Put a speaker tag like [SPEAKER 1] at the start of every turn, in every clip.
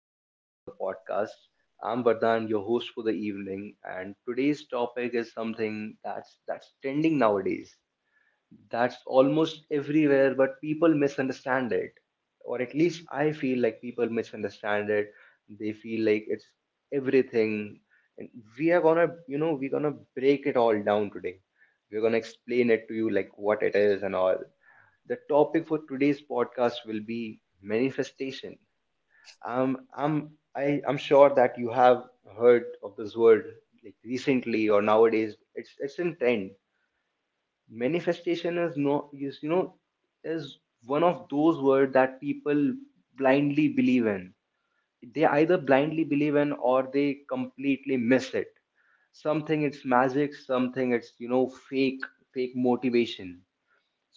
[SPEAKER 1] welcome back to the podcast. I'm Vardhan, your host for the evening, and today's topic is something that's trending nowadays. That's almost everywhere, but people misunderstand it. Or at least I feel like people misunderstand it. They feel like it's everything. And we are gonna, we're gonna break it all down today. We're gonna explain it to you like what it is and all. The topic for today's podcast will be manifestation. I'm sure that you have heard of this word like recently or nowadays. It's in trend. Manifestation is no is you know is one of those words that people blindly believe in. They either blindly believe in, or they completely miss it. Something it's magic, something it's, fake motivation.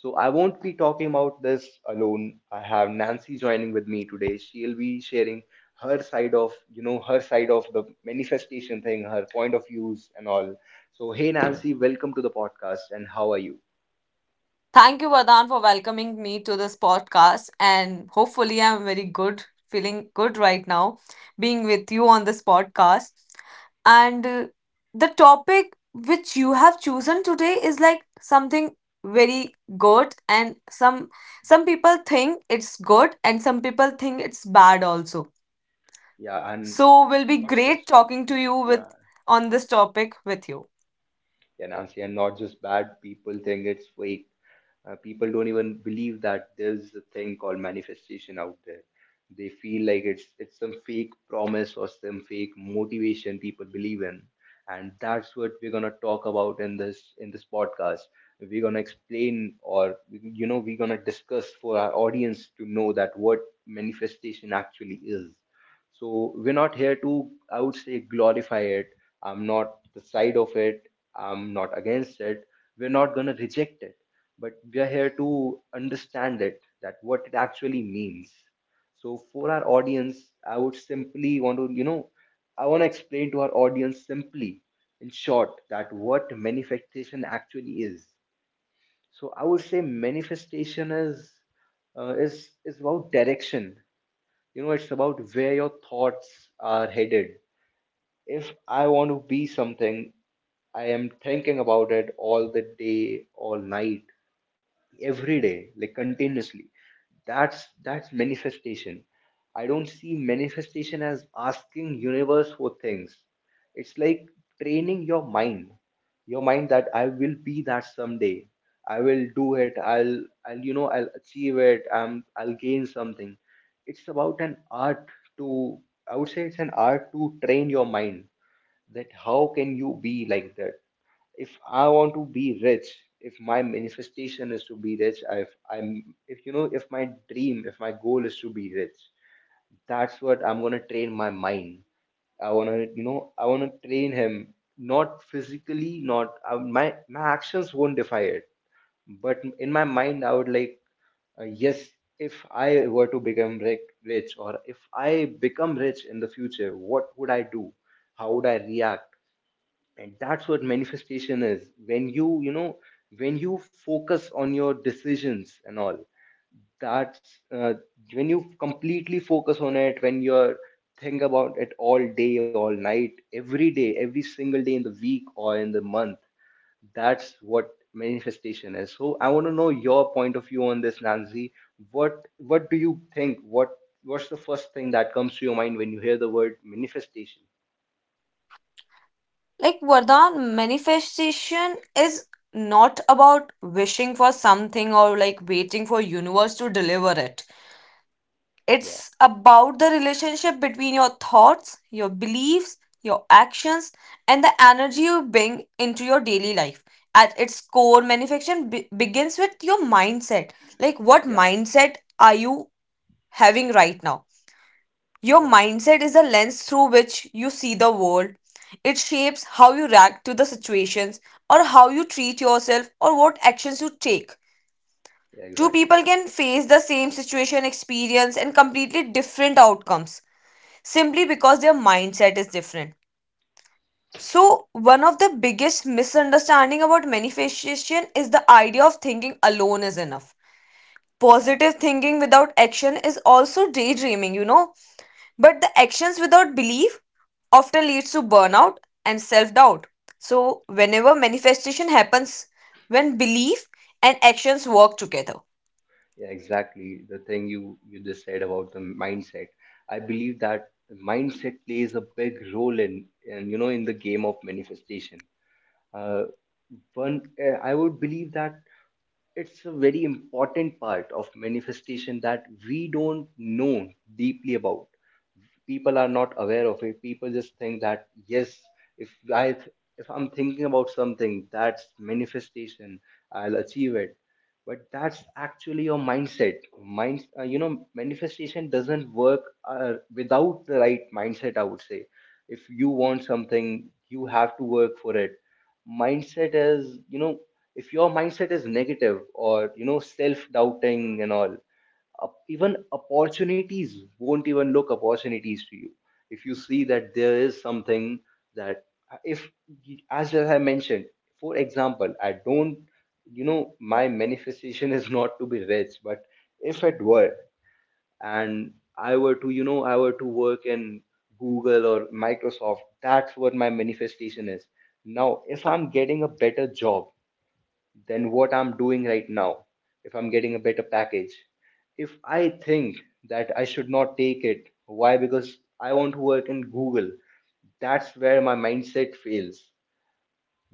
[SPEAKER 1] So I won't be talking about this alone. I have Nancy joining with me today. She'll be sharing her side of the manifestation thing, her point of views and all. So hey Nancy, welcome to the podcast, and how are you?
[SPEAKER 2] Thank you, Vardhan, for welcoming me to this podcast. And hopefully, I'm very good, feeling good right now, being with you on this podcast. And the topic which you have chosen today is like something very good, and some people think it's good and some people think it's bad also,
[SPEAKER 1] Yeah, and
[SPEAKER 2] so will be
[SPEAKER 1] not just,
[SPEAKER 2] great talking to you with
[SPEAKER 1] yeah.
[SPEAKER 2] on this topic with you.
[SPEAKER 1] Yeah, Nancy, and not just bad, people think it's fake. People don't even believe that there's a thing called manifestation out there. They feel like it's some fake promise or some fake motivation people believe in, and that's what we're gonna talk about in this podcast. We're gonna explain, we're gonna discuss for our audience to know that what manifestation actually is. So we're not here to, I would say, glorify it. I'm not the side of it. I'm not against it. We're not gonna reject it, but we are here to understand it, that what it actually means. So for our audience, I would simply want to, you know, I want to explain to our audience simply, in short, that what manifestation actually is. So I would say manifestation is about direction. It's about where your thoughts are headed. If I want to be something, I am thinking about it all the day, all night, every day, like continuously. That's manifestation. I don't see manifestation as asking universe for things. It's like training Your mind that I will be that someday. I will do it. I'll i'll you know i'll achieve it. I'll gain something. It's about an art to I would say it's an art to train your mind, that how can you be like that? If I want to be rich, if my manifestation is to be rich, I- if I'm, if you know, if my dream, if my goal is to be rich, that's what I'm gonna train my mind. I wanna train him not physically, not my actions won't defy it, but in my mind, I would like, yes, if I were to become rich, or if I become rich in the future, what would I do? How would I react? And that's what manifestation is, when you know when you focus on your decisions and all. That's when you completely focus on it, when you're think about it all day, all night, every day, every single day in the week or in the month. That's what manifestation is. So I want to know your point of view on this, Nancy. What do you think? What's the first thing that comes to your mind when you hear the word manifestation?
[SPEAKER 2] Like Vardhan, manifestation is not about wishing for something or like waiting for universe to deliver it.
[SPEAKER 1] Yeah,
[SPEAKER 2] It's about the relationship between your thoughts, your beliefs, your actions, and the energy you bring into your daily life. At its core, manifestation begins with your mindset. Like, what
[SPEAKER 1] yeah,
[SPEAKER 2] mindset are you having right now? Your
[SPEAKER 1] yeah,
[SPEAKER 2] mindset is the lens through which you see the world. It shapes how you react to the situations, or how you treat yourself, or what actions you take.
[SPEAKER 1] yeah,
[SPEAKER 2] Two
[SPEAKER 1] exactly.
[SPEAKER 2] people can face the same situation, experience, and completely different outcomes simply because their mindset is different. So, one of
[SPEAKER 1] Mm-hmm.
[SPEAKER 2] the biggest misunderstanding about manifestation is the idea of thinking alone is enough.
[SPEAKER 1] Yeah,
[SPEAKER 2] Positive thinking without action is also daydreaming, you know. But the actions without belief often leads to burnout and self-doubt. So whenever manifestation happens, when belief and actions work together.
[SPEAKER 1] yeah, exactly. The thing you just said about the mindset, I believe that the mindset plays a big role in the game of manifestation. Uh, I would believe that it's a very important part of manifestation that we don't know deeply about. People are not aware of it. People just think that yes, if i th- if I'm thinking about something, that's manifestation, I'll achieve it. But that's actually your mindset. Mind you know Manifestation doesn't work without the right mindset, I would say. If you want something, you have to work for it. Mindset is you know If your mindset is negative, or self doubting and all, up, even opportunities won't even look opportunities to you. If you see that there is something that, if as I mentioned, for example, I don't you know my manifestation is not to be rich, but if it were, and I were to work in Google or Microsoft, that's what my manifestation is. Now if I'm getting a better job than what I'm doing right now, if I'm getting a better package, if I think that I should not take it, why? Because I want to work in Google. That's where my mindset fails.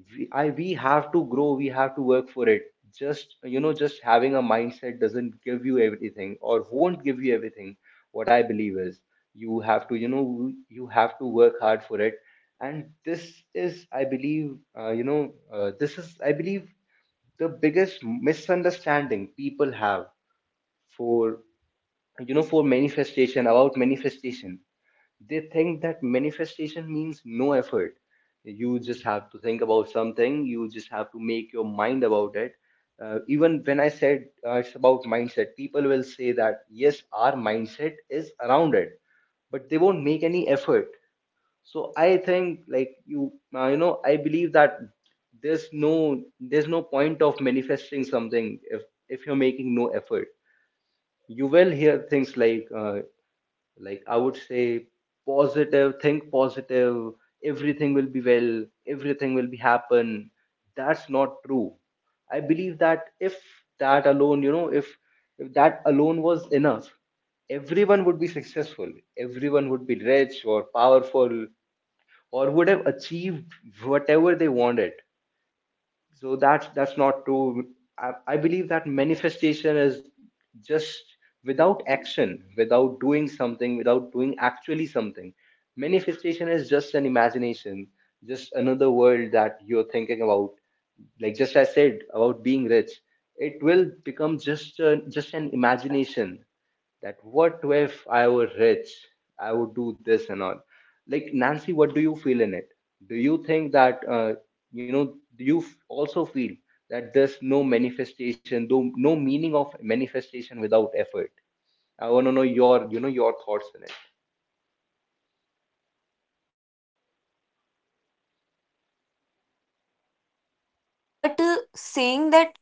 [SPEAKER 1] We have to grow, we have to work for it. Just having a mindset doesn't give you everything or won't give you everything. What I believe is you have to work hard for it. And this is, I believe, the biggest misunderstanding people have for you know for manifestation about manifestation. They think that manifestation means no effort. You just have to think about something, you just have to make your mind about it. Even when I said it's about mindset, people will say that yes, our mindset is around it, but they won't make any effort. So I think like you you know I believe that there's no point of manifesting something if you're making no effort. You will hear things like I would say, positive think positive, everything will be well, everything will be happen. That's not true. I believe that if that alone you know if that alone was enough, everyone would be successful, everyone would be rich or powerful, or would have achieved whatever they wanted. So that's not true. I believe that manifestation is just without action, without doing something, without doing actually something. Manifestation is just an imagination, just another world that you're thinking about. Like just I said about being rich, it will become just an imagination, that what if I were rich, I would do this and all. Like Nancy, what do you feel in it? Do you think that Do you also feel that there's no manifestation, though no meaning of manifestation without effort? I want to know your you know your thoughts in it.
[SPEAKER 2] But saying that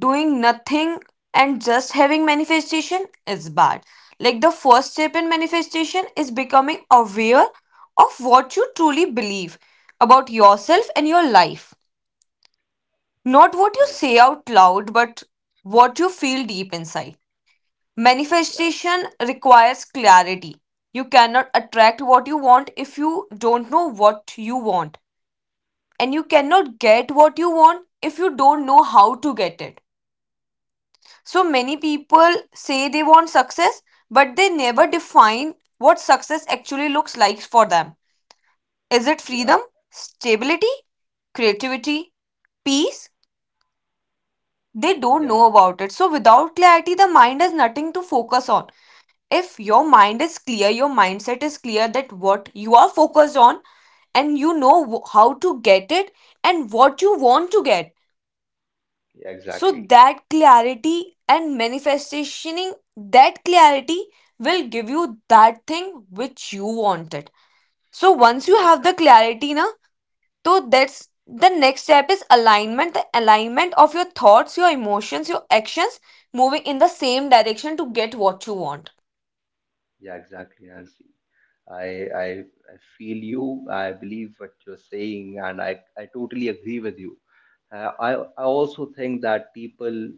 [SPEAKER 2] doing nothing and just having manifestation is bad. Like, the first step in manifestation is becoming aware of what you truly believe about
[SPEAKER 1] Yeah,
[SPEAKER 2] yourself and your life. Not what you
[SPEAKER 1] yeah,
[SPEAKER 2] say
[SPEAKER 1] exactly.
[SPEAKER 2] out loud, but what you feel deep inside.
[SPEAKER 1] Yeah,
[SPEAKER 2] Manifestation requires clarity. You cannot attract what you want if you don't know what you want. And you cannot get what you want if you don't know how to get it. So many people say they want success, but they never define what success actually looks like for them. Is it freedom,
[SPEAKER 1] yeah,
[SPEAKER 2] stability, creativity, peace? They don't
[SPEAKER 1] yeah,
[SPEAKER 2] know about it. So without clarity, the mind has nothing to focus on. If your mind is clear, your mindset is clear, that what you are focused on, and you know how to get it and what you want to get,
[SPEAKER 1] yeah,
[SPEAKER 2] so
[SPEAKER 1] exactly.
[SPEAKER 2] that clarity and manifesting that clarity will give you that thing which you wanted. So once you
[SPEAKER 1] Yeah.
[SPEAKER 2] have the clarity na, so that's the next step is alignment, the alignment of your thoughts, your emotions, your actions moving in the same direction to get what you want.
[SPEAKER 1] Yeah, exactly, Nancy. I, I I feel you. I believe what you're saying, and I totally agree with you. Uh, I I also think that people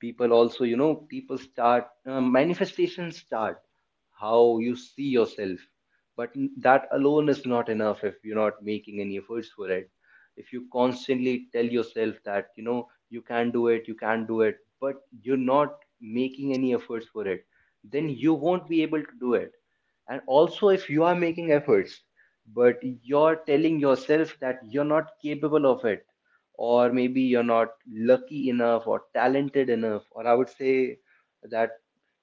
[SPEAKER 1] people also you know people start manifestations start how you see yourself. But that alone is not enough if you're not making any efforts for it. If you constantly tell yourself that you can do it, you can do it, but you're not making any efforts for it, then you won't be able to do it. And also if you are making efforts, but you're telling yourself that you're not capable of it, or maybe you're not lucky enough or talented enough, or I would say that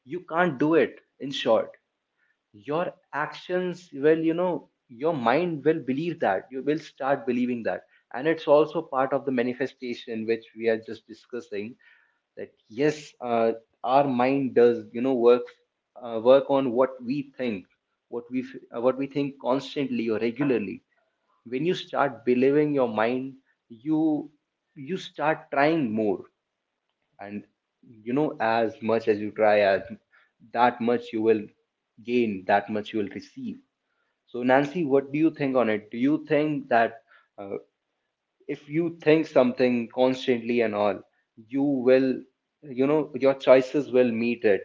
[SPEAKER 1] you can't do it. In short, your actions well, you know, your mind will believe that, you will start believing that. And it's also part of the manifestation which we are just discussing, that yes, our mind does, work, work on what we think, what we think constantly or regularly. When you start believing your mind, you you start trying more. And as much as you try, as that much you will gain, that much you will receive. So Nancy, what do you think on it? Do you think that uh, if you think something constantly and all, you will your choices will meet it?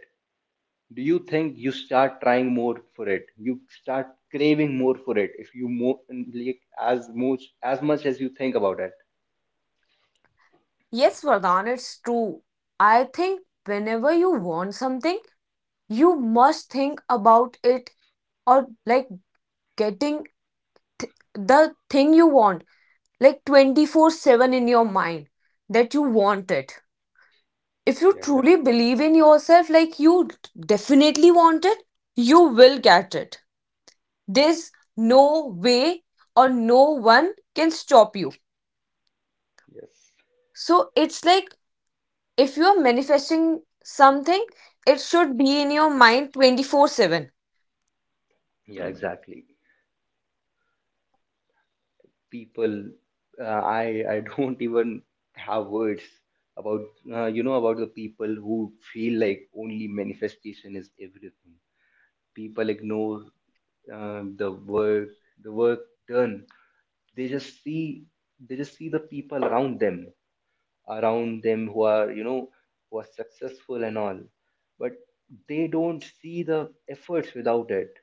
[SPEAKER 1] Do you think you start trying more for it, you start craving more for it, if you more, like, as much as you think about it?
[SPEAKER 2] Yes, Vardhan, it's true. I think whenever you want something, you must think about it, or like getting the thing you want, like 24/7 in your mind, that you want it. If you
[SPEAKER 1] Yeah,
[SPEAKER 2] truly
[SPEAKER 1] exactly.
[SPEAKER 2] believe in yourself, like you definitely want it, you will get it. There's no way or no one can stop you.
[SPEAKER 1] Yes.
[SPEAKER 2] So it's like, if you are manifesting something, it should be in your mind 24/7.
[SPEAKER 1] Yeah, exactly. People, uh, i I don't even have words about about the people who feel like only manifestation is everything. People ignore the work done. They just see the people around them who are, who are successful and all, but they don't see the efforts without it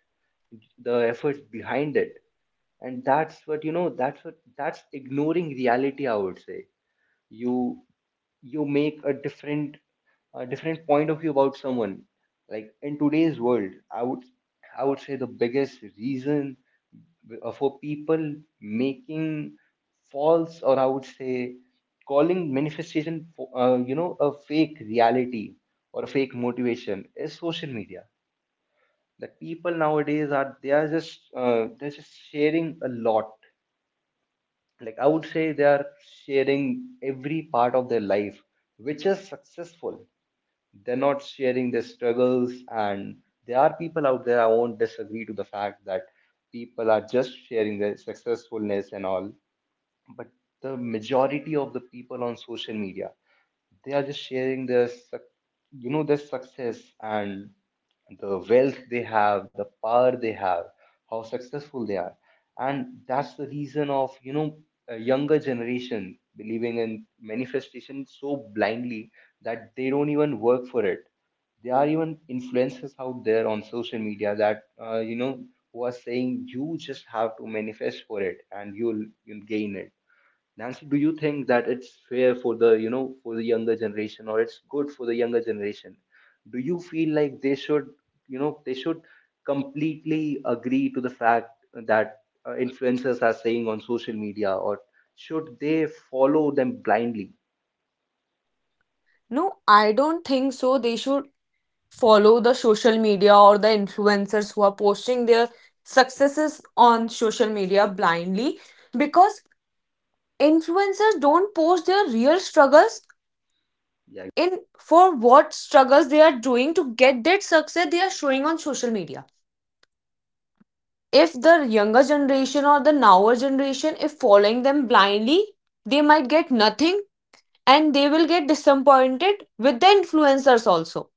[SPEAKER 1] the efforts behind it. And that's what you know that's what that's ignoring reality, I would say. you you make a different point of view about someone. Like in today's world, I would say the biggest reason for people making false, or I would say calling manifestation for, you know a fake reality or a fake motivation, is social media. That people nowadays are, they're just sharing a lot. Like I would say they are sharing every part of their life which is successful. They're not sharing their struggles, and there are people out there, I won't disagree to the fact that people are just sharing their successfulness and all. But the majority of the people on social media, they are just sharing their, their success, and the wealth they have, the power they have, how successful they are. And that's the reason of, a younger generation believing in manifestation so blindly that they don't even work for it. There are even influencers out there on social media that, who are saying you just have to manifest for it and you'll gain it. Nancy, do you think that it's fair for the, for the younger generation, or it's good for the younger generation? Do you feel like they should, they should completely agree to the fact that influencers are saying on social media, or should they follow them blindly?
[SPEAKER 2] No, I don't think so. They should follow the social media or the influencers who are posting their successes on social media blindly, because influencers don't post their real struggles,
[SPEAKER 1] Yeah,
[SPEAKER 2] in for what struggles they are doing to get that success they are showing on social media. If the younger generation or the nower generation if following them blindly, they might get nothing, and they will get disappointed with the influencers also.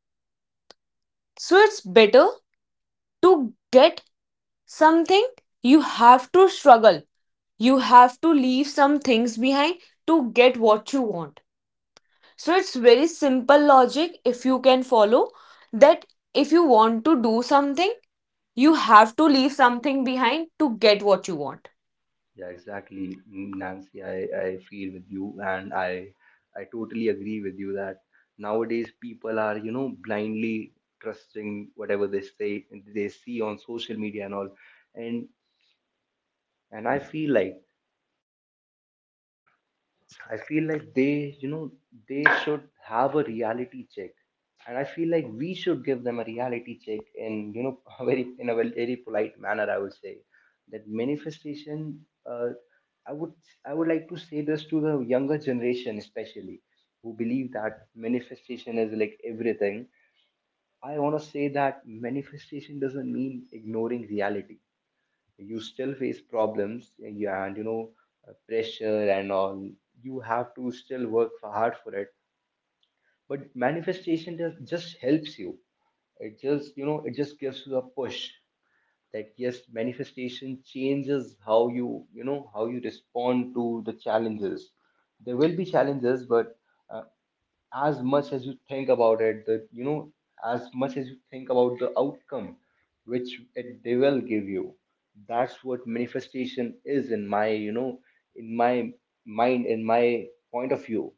[SPEAKER 2] So it's better to get something, you have to struggle. You have to leave some things behind to get what you want. So it's very simple logic, if you can follow that, if you want to do something, you have to leave something behind to get what you want.
[SPEAKER 1] yeah, exactly, mm, Nancy. I feel with you, and I totally agree with you that nowadays people are, blindly trusting whatever they say, they see on social media and all. and and I feel like they, they should have a reality check. And I feel like we should give them a reality check in, a very, in a very polite manner, I would say. That manifestation. I would I would like to say this to the younger generation, especially who believe that manifestation is like everything. I want to say that manifestation doesn't mean ignoring reality. You still face problems, yeah, and pressure and all. You have to still work for, hard for it. But manifestation just helps you. It just, it just gives you a push. That yes, manifestation changes how you, you know how you respond to the challenges. There will be challenges, but uh, as much as you think about it, that as much as you think about the outcome, which it, they will give you. That's what manifestation is, in my, in my mind, in my point of view.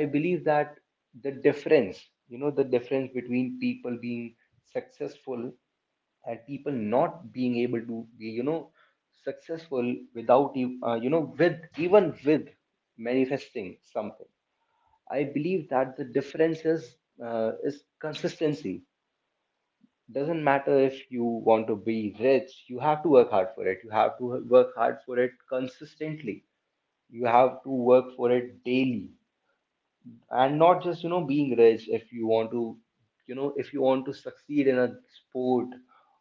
[SPEAKER 1] I believe that the difference, the difference between people being successful and people not being able to be, successful without you, you know with even with manifesting something. I believe that the difference is consistency. Doesn't matter if you want to be rich, you have to work hard for it. You have to work hard for it consistently. You have to work for it daily, and not just, being rich. If you want to, if you want to succeed in a sport,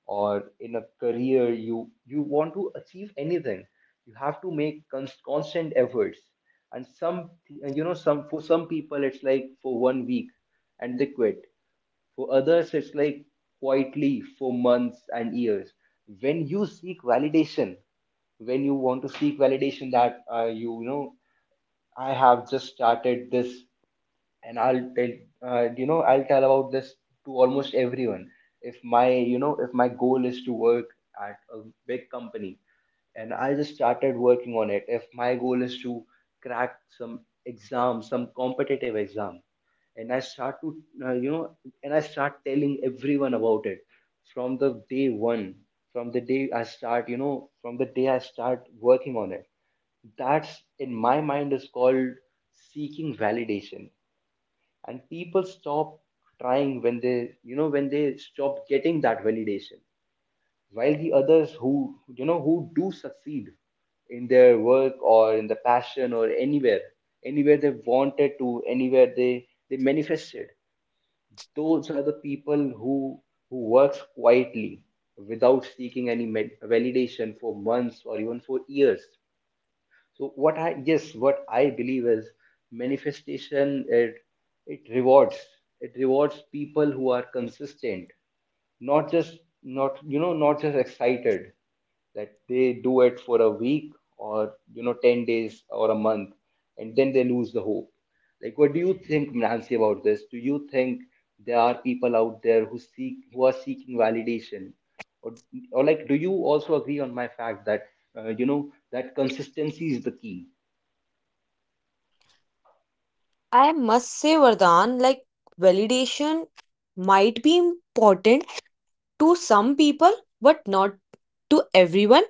[SPEAKER 1] or in a career, you want to achieve anything, you have to make constant efforts. And some, some, for some people it's like for one week and they quit. For others it's like quietly for months and years. When you seek validation, when you want to seek validation, that I have just started this, and I'll tell, I'll tell about this to almost everyone. If my, if my goal is to work at a big company and I just started working on it. If my goal is to crack some exam, some competitive exam, and I start to, uh, you know and I start telling everyone about it from the day one, from the day I start, from the day I start working on it. That's, in my mind, is called seeking validation. And people stop trying when they, when they stop getting that validation. While the others who, who do succeed in their work, or in the passion, or anywhere, anywhere they wanted to, anywhere they manifested, those are the people who works quietly without seeking any validation for months or even for years. So what I, yes, what I believe is manifestation, it rewards, it rewards people who are consistent. Not just, not, not just excited that they do it for a week or, 10 days or a month, and then they lose the hope. Like what do you think, Nancy, about this? Do you think there are people out there who seek, who are seeking validation, or, or like do you also agree on my fact that that consistency is the key?
[SPEAKER 2] I must say, Vardhan, like, validation might be important to some people, but not to everyone.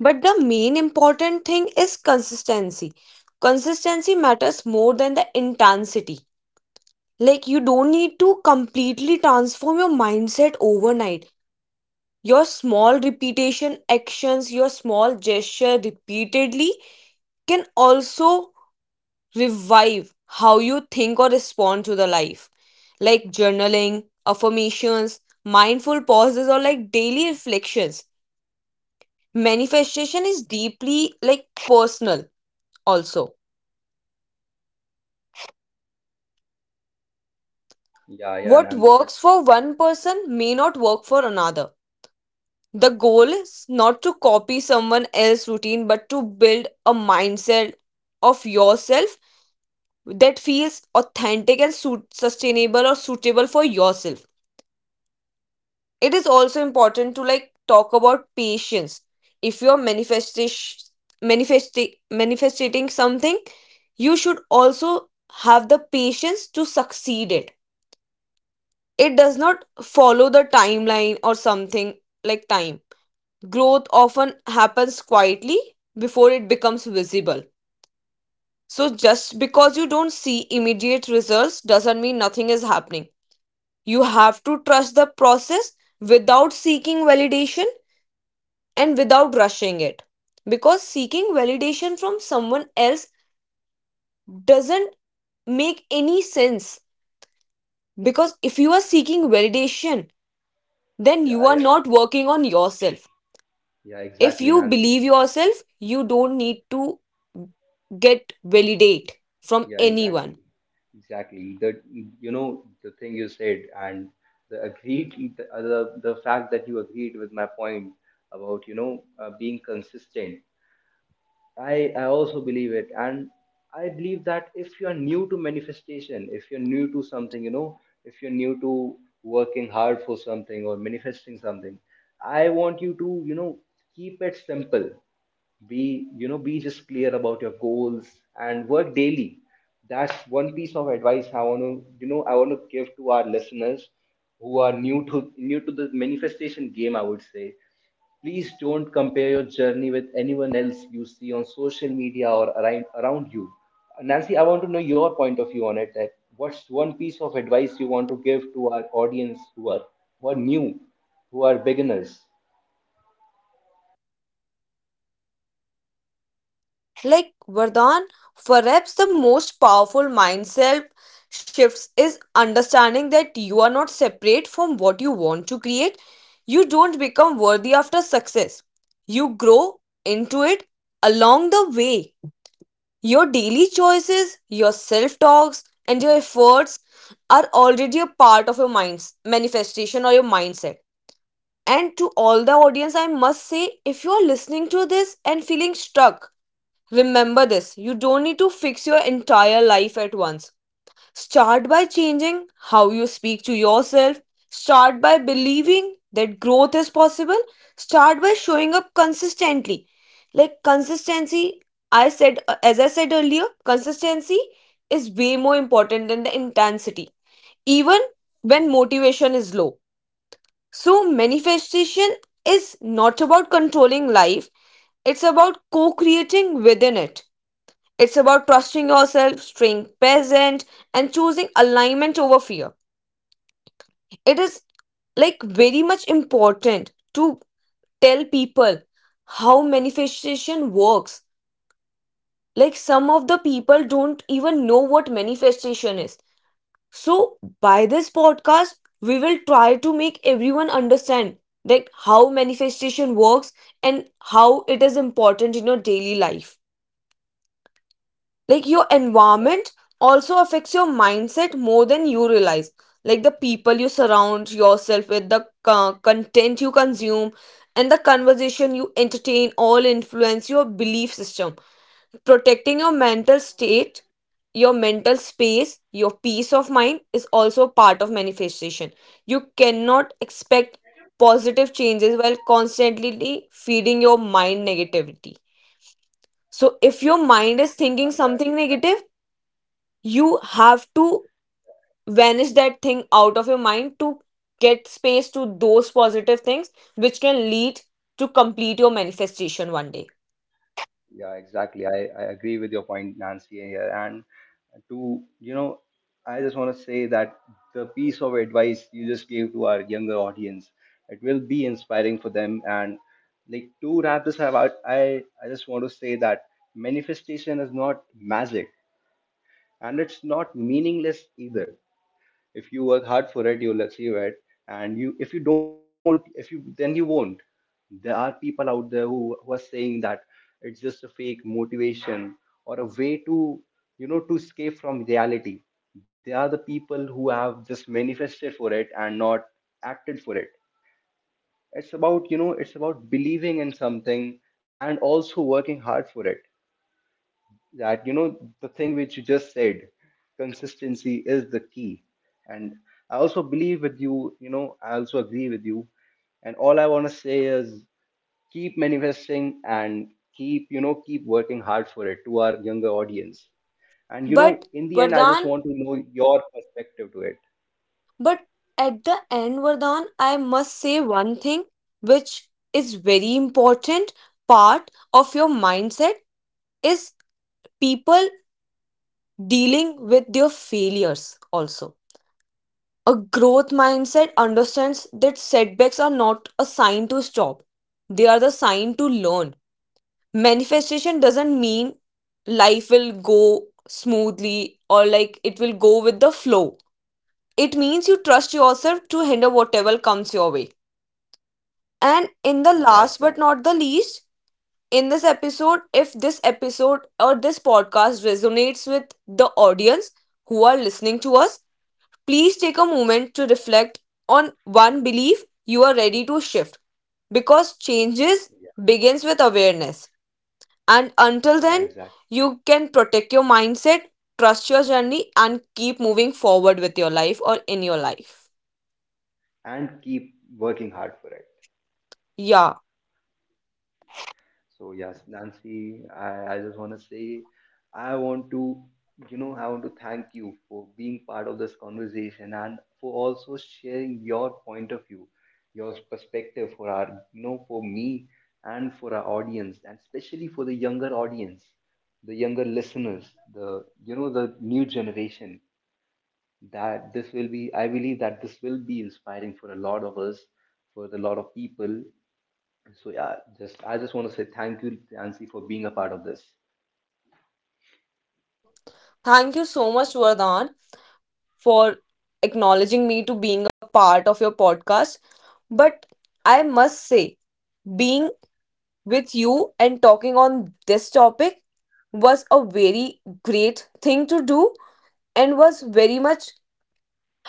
[SPEAKER 2] But the main important thing is consistency. Consistency matters more than the intensity. Like, you don't need to completely transform your mindset overnight. Your small repetition actions, your small gesture repeatedly, can also revive how you think or respond to the life, like journaling, affirmations, mindful pauses, or like daily reflections. Manifestation is deeply like personal also.
[SPEAKER 1] yeah yeah
[SPEAKER 2] What
[SPEAKER 1] nancy
[SPEAKER 2] works for one person may not work for another. The goal is not to copy someone else's routine, but to build a mindset of yourself that feels authentic and sustainable or suitable for yourself. It is also important to like talk about patience. If you're manifestation, manifesting something, you should also have the patience to succeed it. It does not follow the timeline or something, like time. Growth often happens quietly before it becomes visible, so just because you don't see immediate results doesn't mean nothing is happening. You have to trust the process without seeking validation and without rushing it. Because seeking validation from someone else doesn't make any sense. Because if you are seeking validation, then you
[SPEAKER 1] yeah
[SPEAKER 2] are
[SPEAKER 1] yeah
[SPEAKER 2] not working on yourself.
[SPEAKER 1] yeah
[SPEAKER 2] If
[SPEAKER 1] exactly
[SPEAKER 2] you believe
[SPEAKER 1] nancy
[SPEAKER 2] yourself, you don't need to get validate from
[SPEAKER 1] Yeah,
[SPEAKER 2] anyone.
[SPEAKER 1] exactly. Exactly. The, the thing you said, and the agreed, the the fact that you agreed with my point about, being consistent. I also believe it, and I believe that if you are new to manifestation, if you're new to something, you know, if you're new to working hard for something or manifesting something, I want you to, keep it simple. Be, be just clear about your goals, and work daily. That's one piece of advice I want to, I want to give to our listeners who are new to, new to the manifestation game, I would say. Please don't compare your journey with anyone else you see on social media or around, around you. Nancy, I want to know your point of view on it, that what's one piece of advice you want to give to our audience who are, who are new, who are beginners?
[SPEAKER 2] Like Vardhan, perhaps the most powerful mindset shifts is understanding that you are not separate from what you want to create. You don't become worthy after success. You grow into it along the way. Your daily choices, your self talks, and your efforts are already a part of your mind's manifestation or your mindset. And to all the audience, I must say, if you are listening to this and feeling stuck, remember this, you don't need to fix your entire life at once. Start by changing how you speak to yourself. Start by believing that growth is possible. Start by showing up consistently. Like, consistency, I said, as I said earlier, consistency is way more important than the intensity, even when motivation is low. So, manifestation is not about controlling life, it's about co creating within it. It's about trusting yourself, staying present, and choosing alignment over fear. It is like very much important to tell people how manifestation works. Like, some of the people don't even know what manifestation is. So, by this podcast, we will try to make everyone understand like how manifestation works and how it is important in your daily life. Like, your environment also affects your mindset more than you realize. Like, the people you surround yourself with, the content you consume, and the conversation you entertain all influence your belief system. Protecting your mental state, your mental space, your peace of mind is also part of manifestation. You cannot expect positive changes while constantly feeding your mind negativity. So if your mind is
[SPEAKER 1] Yeah, yeah,
[SPEAKER 2] thinking something
[SPEAKER 1] exactly.
[SPEAKER 2] negative, you have to vanish that thing out of your mind to get space to those positive things, which can lead to complete your manifestation one day.
[SPEAKER 1] Yeah, exactly. I agree with your point, Nancy, here. And to, you know, I just want to say that the piece of advice you just gave to our younger audience, it will be inspiring for them. And like to wrap this up, I, I just want to say that manifestation is not magic, and it's not meaningless either. If you work hard for it, you'll achieve it. And you, if you don't, if you, then you won't. There are people out there who are saying that it's just a fake motivation or a way to, to escape from reality. They are the people who have just manifested for it and not acted for it. It's about, it's about believing in something, and also working hard for it. That, the thing which you just said, consistency is the key. And I also believe with you, you know I also agree with you. And all I want to say is keep manifesting, and keep, keep working hard for it, to our younger audience. And,
[SPEAKER 2] But
[SPEAKER 1] in the end, I
[SPEAKER 2] Vardhan,
[SPEAKER 1] just want to know your perspective to it.
[SPEAKER 2] but at the end, Vardhan, I must say one thing, which is very important part of your mindset, is people dealing with their failures also. A growth mindset understands that setbacks are not a sign to stop, they are the sign to learn. Manifestation doesn't mean life will go smoothly or like it will go with the flow. It means you trust yourself to handle whatever comes your way. And in the
[SPEAKER 1] Yeah,
[SPEAKER 2] last
[SPEAKER 1] exactly.
[SPEAKER 2] but not the least, in this episode, if this episode or this podcast resonates with the audience who are listening to us, please take a moment to reflect on one belief you are ready to shift, because changes begins with awareness. And until
[SPEAKER 1] Yeah, yeah,
[SPEAKER 2] then,
[SPEAKER 1] exactly.
[SPEAKER 2] you can protect your mindset, trust your journey, and keep moving forward with your life or in your life.
[SPEAKER 1] And keep working hard for it.
[SPEAKER 2] Yeah.
[SPEAKER 1] So yes, Nancy, I just want to say, I want to, you know, I want to thank you for being part of this conversation, and for also sharing your point of view, your perspective for our, you know, for me and for our audience, and especially for the younger audience, the younger listeners, the, the new generation. That this will be, I believe that this will be inspiring for a lot of us, for a lot of people. So yeah, just I just want to say thank you, Nancy, for being a part of this.
[SPEAKER 2] Thank you so much, Vardhan, for acknowledging me to being a part of your podcast. But I must say, being with you and talking on this topic was a very great thing to do and was very much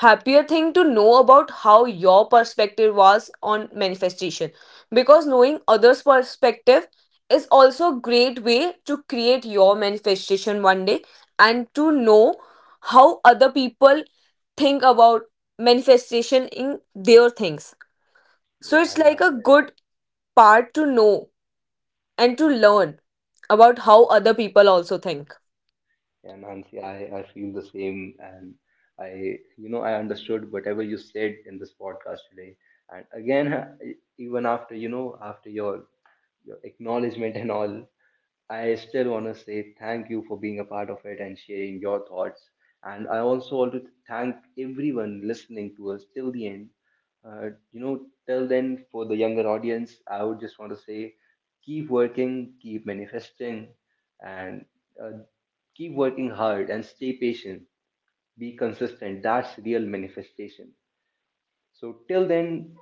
[SPEAKER 2] happier thing to know about how your perspective was on manifestation, because knowing others perspective is also a great way to create your manifestation one day, and to know how other people think about manifestation in their things. So it's
[SPEAKER 1] Yeah,
[SPEAKER 2] like
[SPEAKER 1] yeah,
[SPEAKER 2] a good part to know and to learn about how other people also think.
[SPEAKER 1] yeah, Nancy, I feel the same. And I, I understood whatever you said in this podcast today. And again, even after, after your acknowledgement and all, I still want to say thank you for being a part of it and sharing your thoughts. And I also want to thank everyone listening to us till the end. Uh, till then, for the younger audience, I would just want to say keep working, keep manifesting, and uh, keep working hard and stay patient. Be consistent. That's real manifestation. So, till then,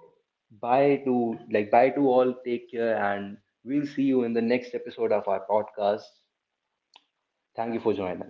[SPEAKER 1] bye to, like, bye to all, take care, and we'll see you in the next episode of our podcast. Thank you for joining.